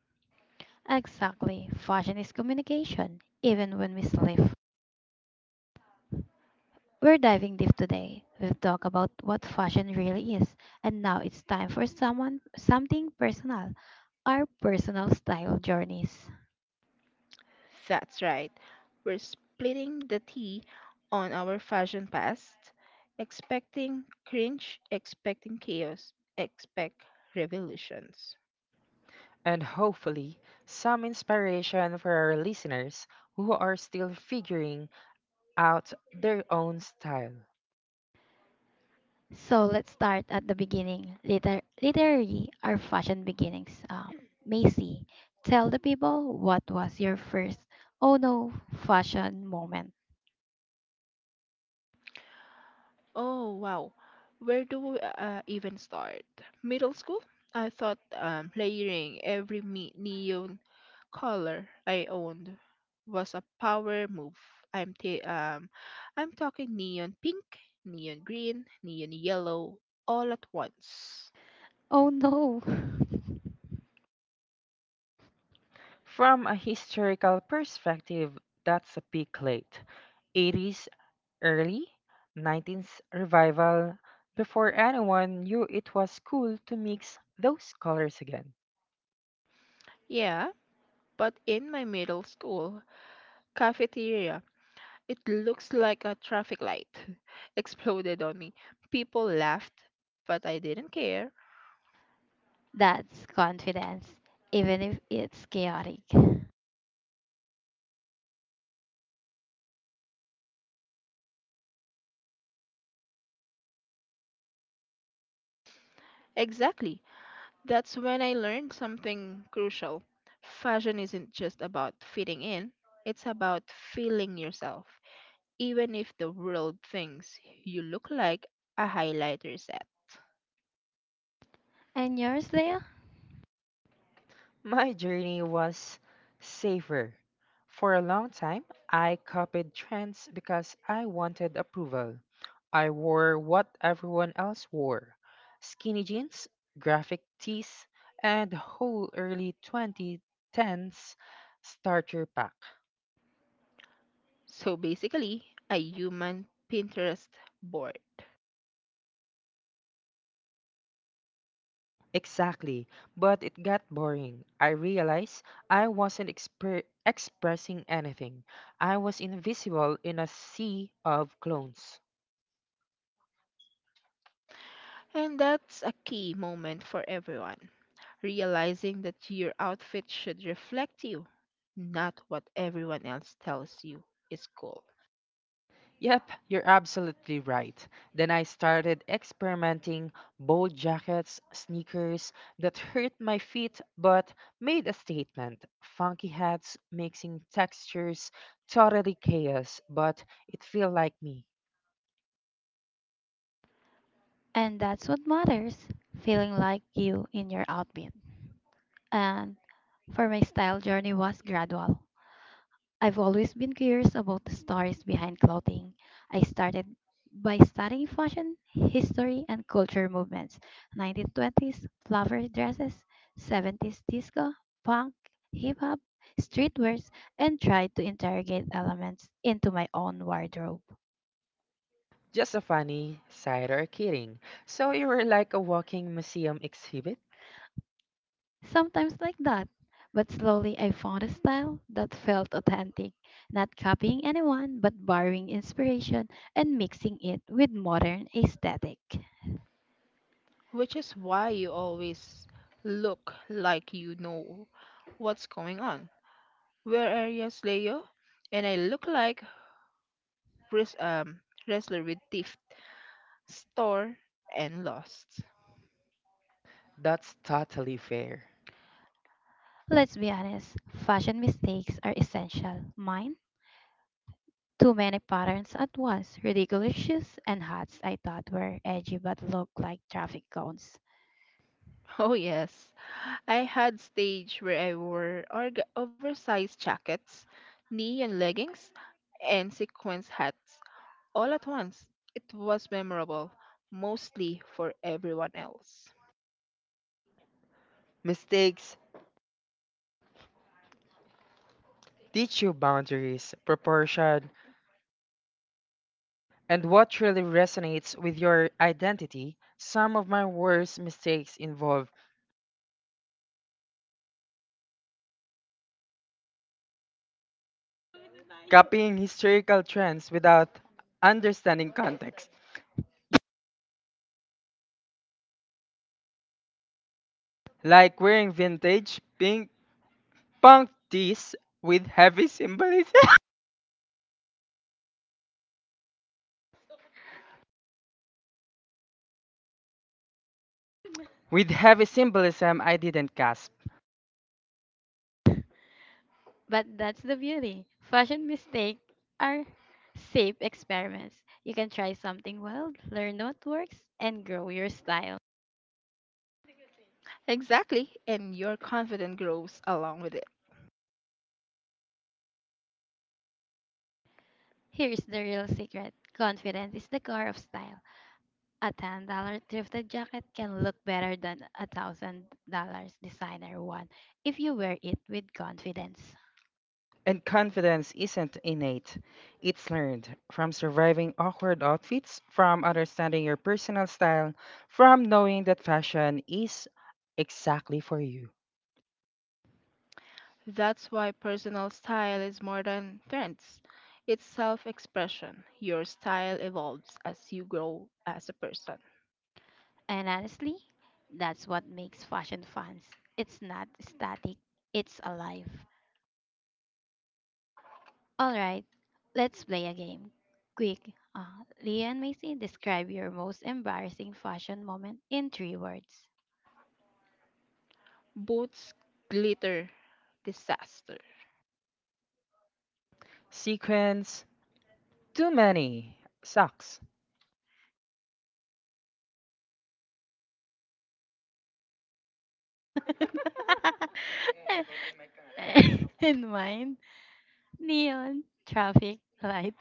S1: Exactly. Fashion is communication, even when we sleep. We're diving deep today. We've talked about what fashion really is, and now it's time for someone something personal, our personal style journeys.
S3: That's right. We're splitting the tea on our fashion past, expecting cringe, expecting chaos, expect revolutions.
S2: And hopefully, some inspiration for our listeners who are still figuring out their own style.
S1: So let's start at the beginning. Literary, our fashion beginnings. Macy, tell the people what was your first oh no fashion moment.
S3: Oh, wow. Where do we even start? Middle school? I thought layering every neon color I owned was a power move. I'm t- um, I'm talking neon pink, neon green, neon yellow, all at once.
S1: Oh no,
S2: From a historical perspective, that's a peak late 80s, early 19th revival before anyone knew it was cool to mix those colors again.
S3: Yeah, but in my middle school cafeteria, it looks like a traffic light exploded on me. People laughed, but I didn't care.
S1: that's confidence, even if it's chaotic.
S3: Exactly. That's when I learned something crucial. Fashion isn't just about fitting in, it's about feeling yourself, even if the world thinks you look like a highlighter set.
S1: And yours, Leah?
S2: My journey was safer. For a long time, I copied trends because I wanted approval. I wore what everyone else wore skinny jeans, graphic tees, and whole early 2010s starter pack.
S3: So basically, a human Pinterest board.
S2: Exactly, but it got boring. I realized I wasn't expressing anything. I was invisible in a sea of clones.
S3: And that's a key moment for everyone. Realizing that your outfit should reflect you, not what everyone else tells you is cool.
S2: Yep, you're absolutely right. Then I started experimenting bold jackets, sneakers that hurt my feet but made a statement, funky hats, mixing textures, totally chaos, but it felt like me.
S1: And that's what matters: feeling like you in your outfit. And for my style journey was gradual. I've always been curious about the stories behind clothing. I started by studying fashion, history, and culture movements: 1920s flower dresses, 70s disco, punk, hip hop, streetwears, and tried to interrogate elements into my own wardrobe.
S2: Just a funny side or kidding. So you were like a walking museum exhibit?
S1: Sometimes like that, but slowly I found a style that felt authentic, not copying anyone but borrowing inspiration and mixing it with modern aesthetic.
S3: Which is why you always look like you know what's going on. Where areas Leo? And I look like wres- um, wrestler with theft, store, and lost.
S2: That's totally fair.
S1: Let's be honest, fashion mistakes are essential. Mine? Too many patterns at once, ridiculous shoes and hats I thought were edgy but look like traffic cones.
S3: Oh, yes. I had stage where I wore oversized jackets, neon leggings, and sequence hats all at once. It was memorable, mostly for everyone else.
S2: Mistakes teach you boundaries, proportion, and what really resonates with your identity, some of my worst mistakes involve copying historical trends without understanding context, like wearing vintage pink punk tees with heavy symbolism. With heavy symbolism, I didn't gasp.
S1: But that's the beauty. Fashion mistakes are safe experiments. You can try something wild, learn what works, and grow your style.
S3: Exactly, and your confidence grows along with it.
S1: Here's the real secret: confidence is the core of style. A $10 thrifted jacket can look better than a $1,000 designer one if you wear it with confidence.
S2: And confidence isn't innate, it's learned from surviving awkward outfits, from understanding your personal style, from knowing that fashion is exactly for you.
S3: That's why personal style is more than trends. It's self expression. Your style evolves as you grow as a person.
S1: And honestly, that's what makes fashion fun. It's not static, it's alive. Alright, let's play a game. Quick, Leah and Macy, describe your most embarrassing fashion moment in three words.
S3: Boots, glitter, disaster.
S2: Sequence, too many. Sucks.
S1: In mine, neon, traffic, light.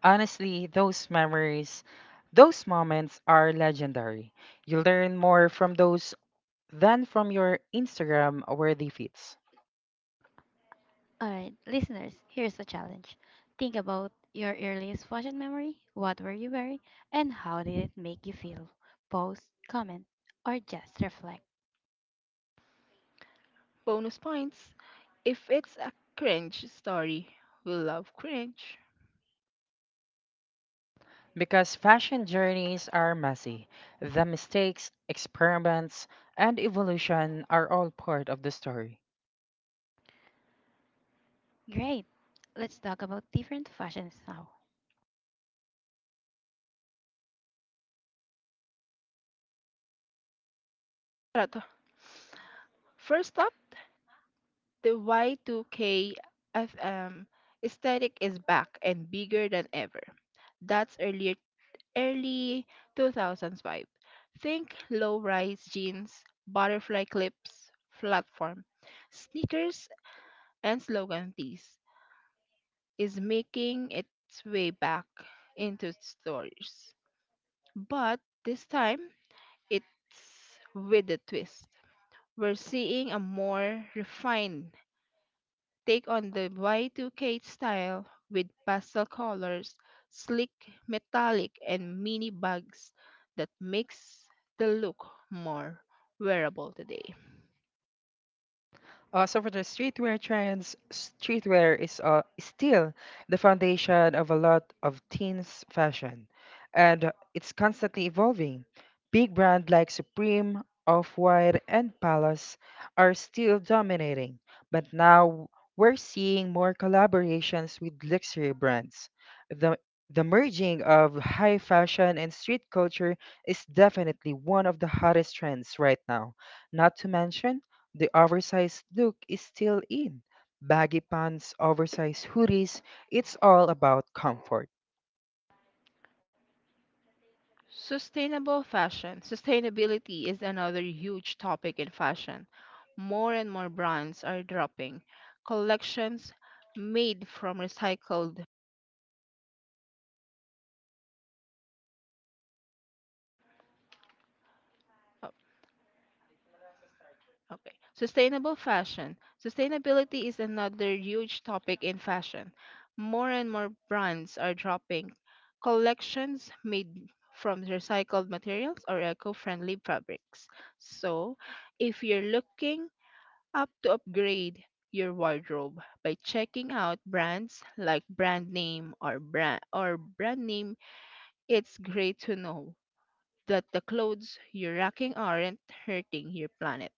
S2: Honestly, those memories, those moments are legendary. You learn more from those than from your Instagram worthy feeds.
S1: All right, listeners, here's a challenge. Think about your earliest fashion memory. What were you wearing? And how did it make you feel? Post, comment, or just reflect.
S3: Bonus points if it's a cringe story. We love cringe.
S2: Because fashion journeys are messy. The mistakes, experiments, and evolution are all part of the story.
S1: Great! Let's talk about different fashions now.
S3: Tara First up, the Y2K ath- um, aesthetic is back and bigger than ever. That's earlier early 2000s vibe. Think low-rise jeans, butterfly clips, platform, sneakers, and slogan tees is making its way back into stores. But this time, it's with a twist. We're seeing a more refined take on the Y2K style with pastel colors, sleek, metallic, and mini bags that makes the look more wearable today.
S2: So for the streetwear trends, streetwear is still the foundation of a lot of teens' fashion, and it's constantly evolving. Big brands like Supreme, Off-White, and Palace are still dominating, but now we're seeing more collaborations with luxury brands. The the merging of high fashion and street culture is definitely one of the hottest trends right now. Not to mention the oversized look is still in. Baggy pants, oversized hoodies, it's all about comfort.
S3: Sustainable fashion. Sustainability is another huge topic in fashion. More and more brands are dropping collections made from recycled Okay. Sustainable fashion. Sustainability is another huge topic in fashion. More and more brands are dropping collections made from recycled materials or eco friendly fabrics. So, if you're looking up to upgrade your wardrobe by checking out brands like brand name or brand name, it's great to know that the clothes you're rocking aren't hurting your planet.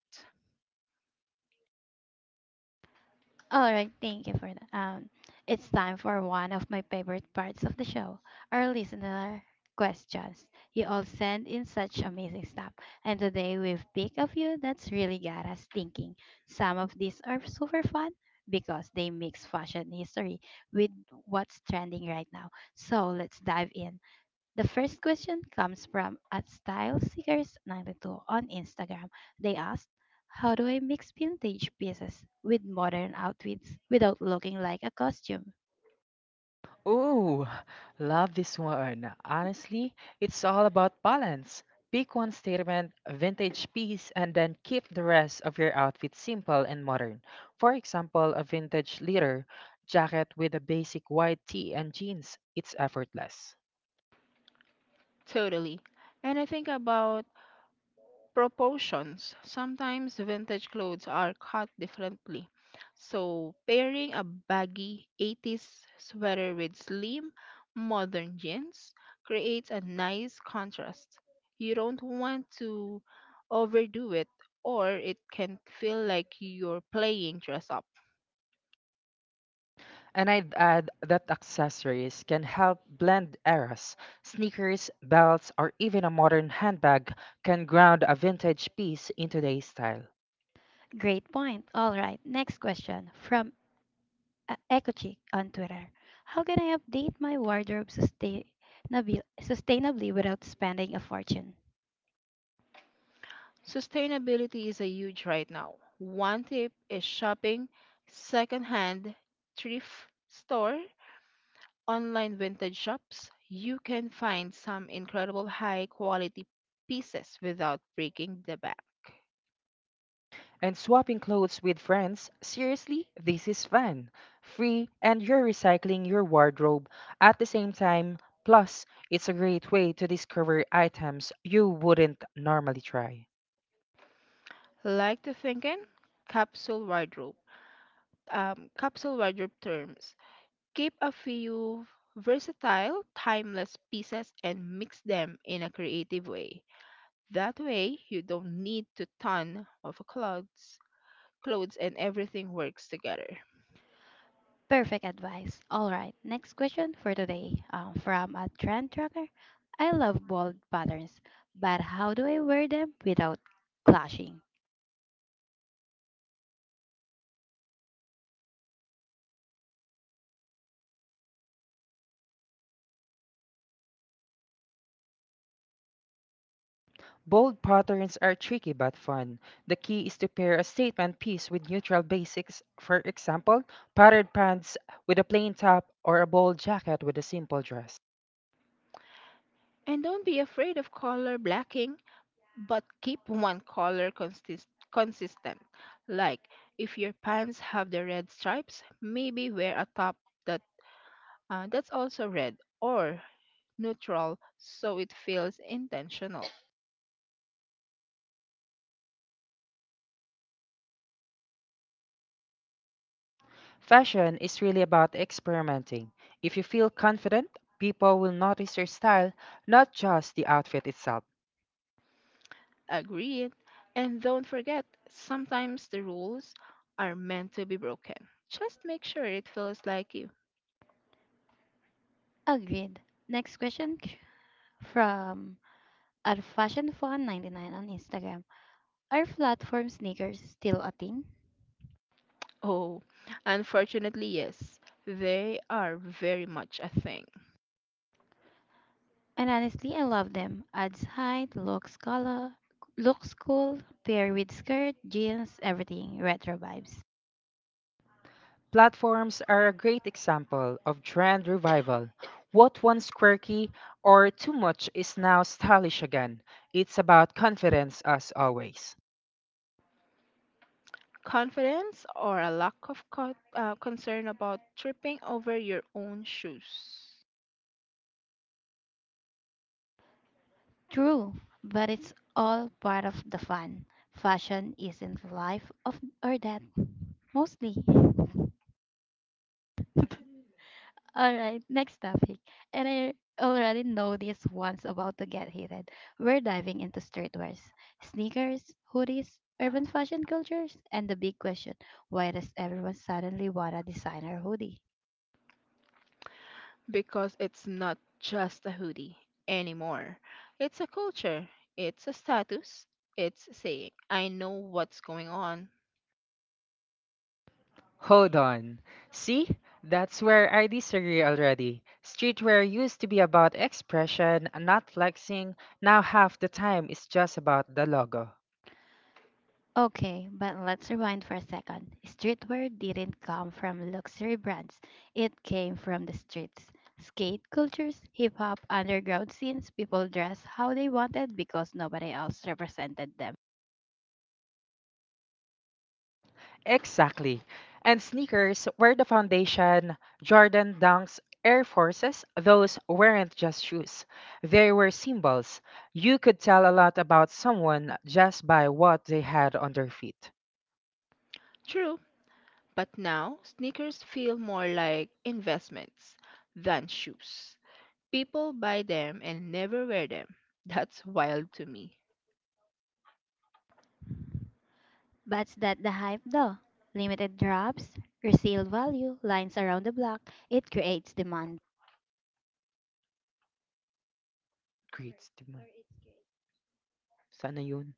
S1: All right, thank you for that. It's time for one of my favorite parts of the show, our listener questions. You all send in such amazing stuff, and today we've picked a few that's really got us thinking. Some of these are super fun because they mix fashion history with what's trending right now. So let's dive in. The first question comes from @styleseekers92 on Instagram. They asked, "How do I mix vintage pieces with modern outfits without looking like a costume?"
S2: Ooh, love this one. Honestly, it's all about balance. Pick one statement, vintage piece, and then keep the rest of your outfit simple and modern. For example, a vintage leather jacket with a basic white tee and jeans. It's effortless.
S3: Totally. And I think about proportions. Sometimes vintage clothes are cut differently. So, pairing a baggy 80s sweater with slim, modern jeans creates a nice contrast. You don't want to overdo it, or it can feel like you're playing dress up.
S2: And I'd add that accessories can help blend eras. Sneakers, belts, or even a modern handbag can ground a vintage piece in today's style.
S1: Great point. All right, next question from Ecochick on Twitter. How can I update my wardrobe sustainably, sustainably without spending a fortune?
S3: Sustainability is a huge right now. One tip is shopping secondhand thrift store, online vintage shops. You can find some incredible high quality pieces without breaking the bank.
S2: And swapping clothes with friends, seriously, this is fun. Free, and you're recycling your wardrobe at the same time. Plus, it's a great way to discover items you wouldn't normally try.
S3: Like to thinking capsule wardrobe. Capsule wardrobe terms. Keep a few versatile, timeless pieces and mix them in a creative way. That way, you don't need to ton of clothes, and everything works together.
S1: Perfect advice. All right, next question for today from a trend tracker. I love bold patterns, but how do I wear them without clashing?
S2: Bold patterns are tricky but fun. The key is to pair a statement piece with neutral basics, for example, patterned pants with a plain top or a bold jacket with a simple dress.
S3: And don't be afraid of color blacking, but keep one color consistent. Like if your pants have the red stripes, maybe wear a top that that's also red. Or neutral so it feels intentional.
S2: Fashion is really about experimenting. If you feel confident, people will notice your style, not just the outfit itself.
S3: Agreed. And don't forget, sometimes the rules are meant to be broken. Just make sure it feels like you.
S1: Agreed. Next question from @fashionfun99 on Instagram. Are platform sneakers still a thing?
S3: Oh, unfortunately, yes, they are very much a thing.
S1: And honestly, I love them. Adds height, looks color, looks cool, pair with skirt, jeans, everything, retro vibes.
S2: Platforms are a great example of trend revival. What once quirky or too much is now stylish again. It's about confidence as always.
S3: Confidence or a lack of concern about tripping over your own shoes.
S1: True, but it's all part of the fun. Fashion isn't life of or death, mostly. All right, next topic. And I already know this one's about to get heated. We're diving into streetwears, sneakers, hoodies, urban fashion cultures, and the big question: why does everyone suddenly want a designer hoodie?
S3: Because it's not just a hoodie anymore. It's a culture, it's a status, it's saying, I know what's going on.
S2: Hold on. See? That's where I disagree already. Streetwear used to be about expression, not flexing. Now half the time it's just about the logo.
S1: Okay, but let's rewind for a second. Streetwear didn't come from luxury brands, it came from the streets. Skate cultures, hip hop, underground scenes, people dressed how they wanted because nobody else represented them.
S2: Exactly. And sneakers were the foundation. Jordan Dunks, Air Forces, those weren't just shoes. They were symbols. You could tell a lot about someone just by what they had on their feet.
S3: True, but now sneakers feel more like investments than shoes. People buy them and never wear them. That's wild to me.
S1: But that the hype though. Limited drops, resale value, lines around the block, it creates demand.
S2: Great. Di ba? Sana yun.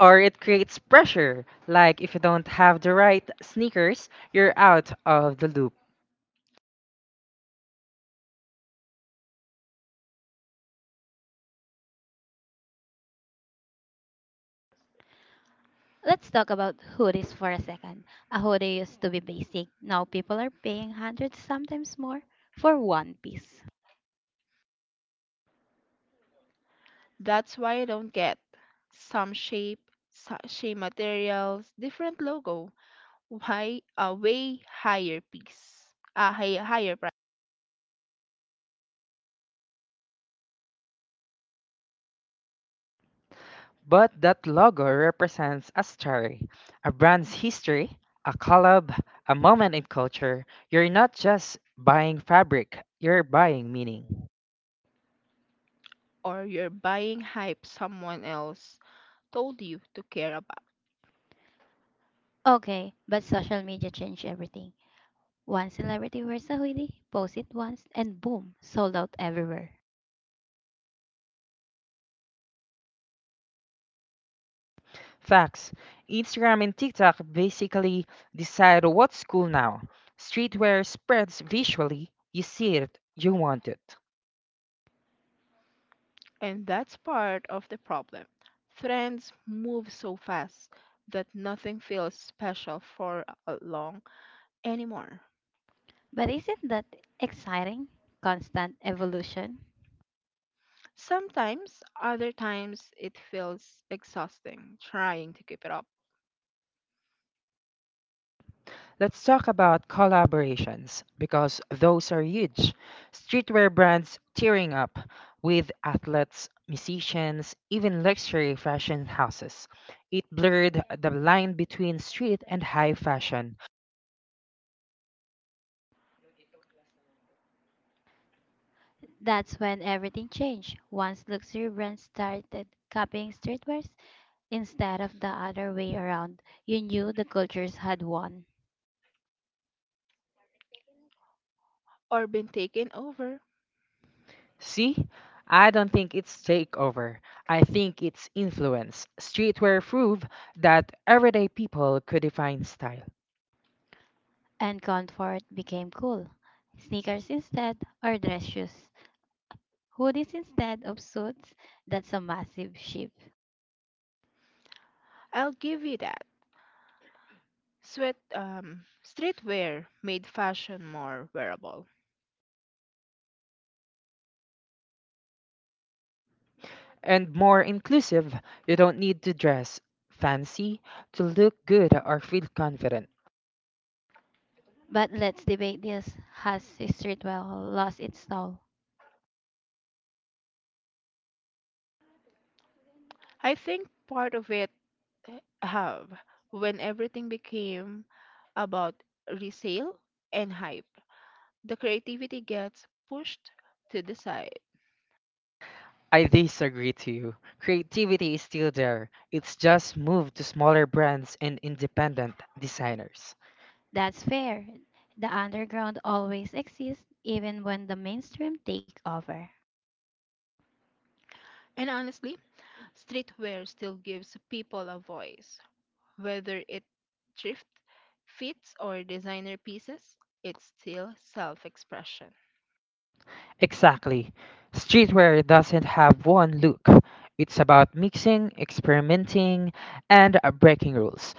S2: Or it creates pressure. Like if you don't have the right sneakers, you're out of the loop.
S1: Let's talk about hoodies for a second. A hoodie used to be basic. Now people are paying hundreds, sometimes more, for one piece.
S3: That's why I don't get some shape, same materials, different logo, why a way higher piece, a higher
S2: But that logo represents a story, a brand's history, a collab, a moment in culture. You're not just buying fabric, you're buying meaning.
S3: or you're buying hype someone else told you to care about.
S1: Okay, but social media changed everything. One celebrity wears a hoodie, posts it once, and boom, sold out everywhere.
S2: Facts Instagram and TikTok basically decide what's cool now. Streetwear spreads visually, you see it, you want it.
S3: And that's part of the problem. Trends move so fast that nothing feels special for long anymore.
S1: But isn't that exciting? Constant evolution?
S3: Sometimes, other times, it feels exhausting trying to keep it up
S2: Let's talk about collaborations because those are huge. Streetwear brands tearing up with athletes, musicians, even luxury fashion houses. It blurred the line between street and high fashion.
S1: That's when everything changed. Once luxury brands started copying streetwears instead of the other way around, you knew the cultures had won.
S3: or been taken over.
S2: See? I don't think it's takeover. I think it's influence. Streetwear prove that everyday people could define style.
S1: And comfort became cool. Sneakers instead, or dress shoes. Hoodies instead of suits. That's a massive shift.
S3: I'll give you that. Streetwear made fashion more wearable
S2: And more inclusive, you don't need to dress fancy to look good or feel confident.
S1: But let's debate this. Has Streetwell lost its soul?
S3: I think part of it have when everything became about resale and hype. The creativity gets pushed to the side.
S2: I disagree to you. Creativity is still there. It's just moved to smaller brands and independent designers.
S1: That's fair. The underground always exists, even when the mainstream take over.
S3: And honestly, streetwear still gives people a voice. Whether it thrift fits or designer pieces, it's still self expression.
S2: Exactly. Streetwear doesn't have one look. It's about mixing, experimenting, and breaking rules.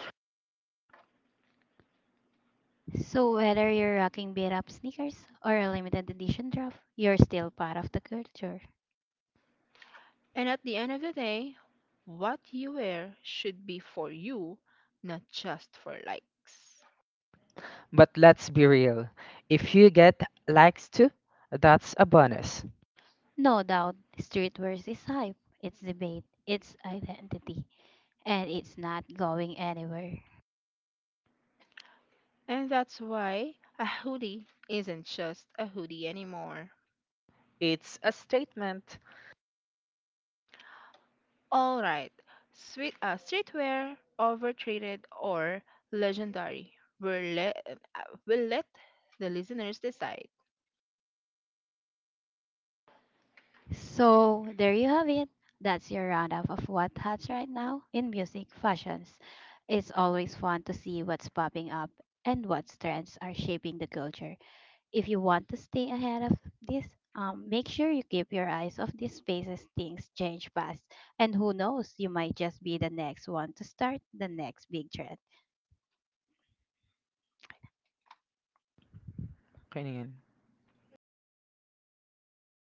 S1: So whether you're rocking beat up sneakers or a limited edition drop, you're still part of the culture.
S3: And at the end of the day, what you wear should be for you, not just for likes.
S2: But let's be real. If you get likes too, that's a bonus.
S1: No doubt, streetwear is hype. It's debate. It's identity, and it's not going anywhere.
S3: And that's why a hoodie isn't just a hoodie anymore.
S2: It's a statement.
S3: All right, streetwear, overtreated, or legendary. We'll let the listeners decide.
S1: So there you have it. That's your roundup of what hot's right now in music fashions. It's always fun to see what's popping up and what trends are shaping the culture. If you want to stay ahead of this, make sure you keep your eyes off these spaces things change fast. And who knows, you might just be the next one to start the next big trend.
S2: Kainin.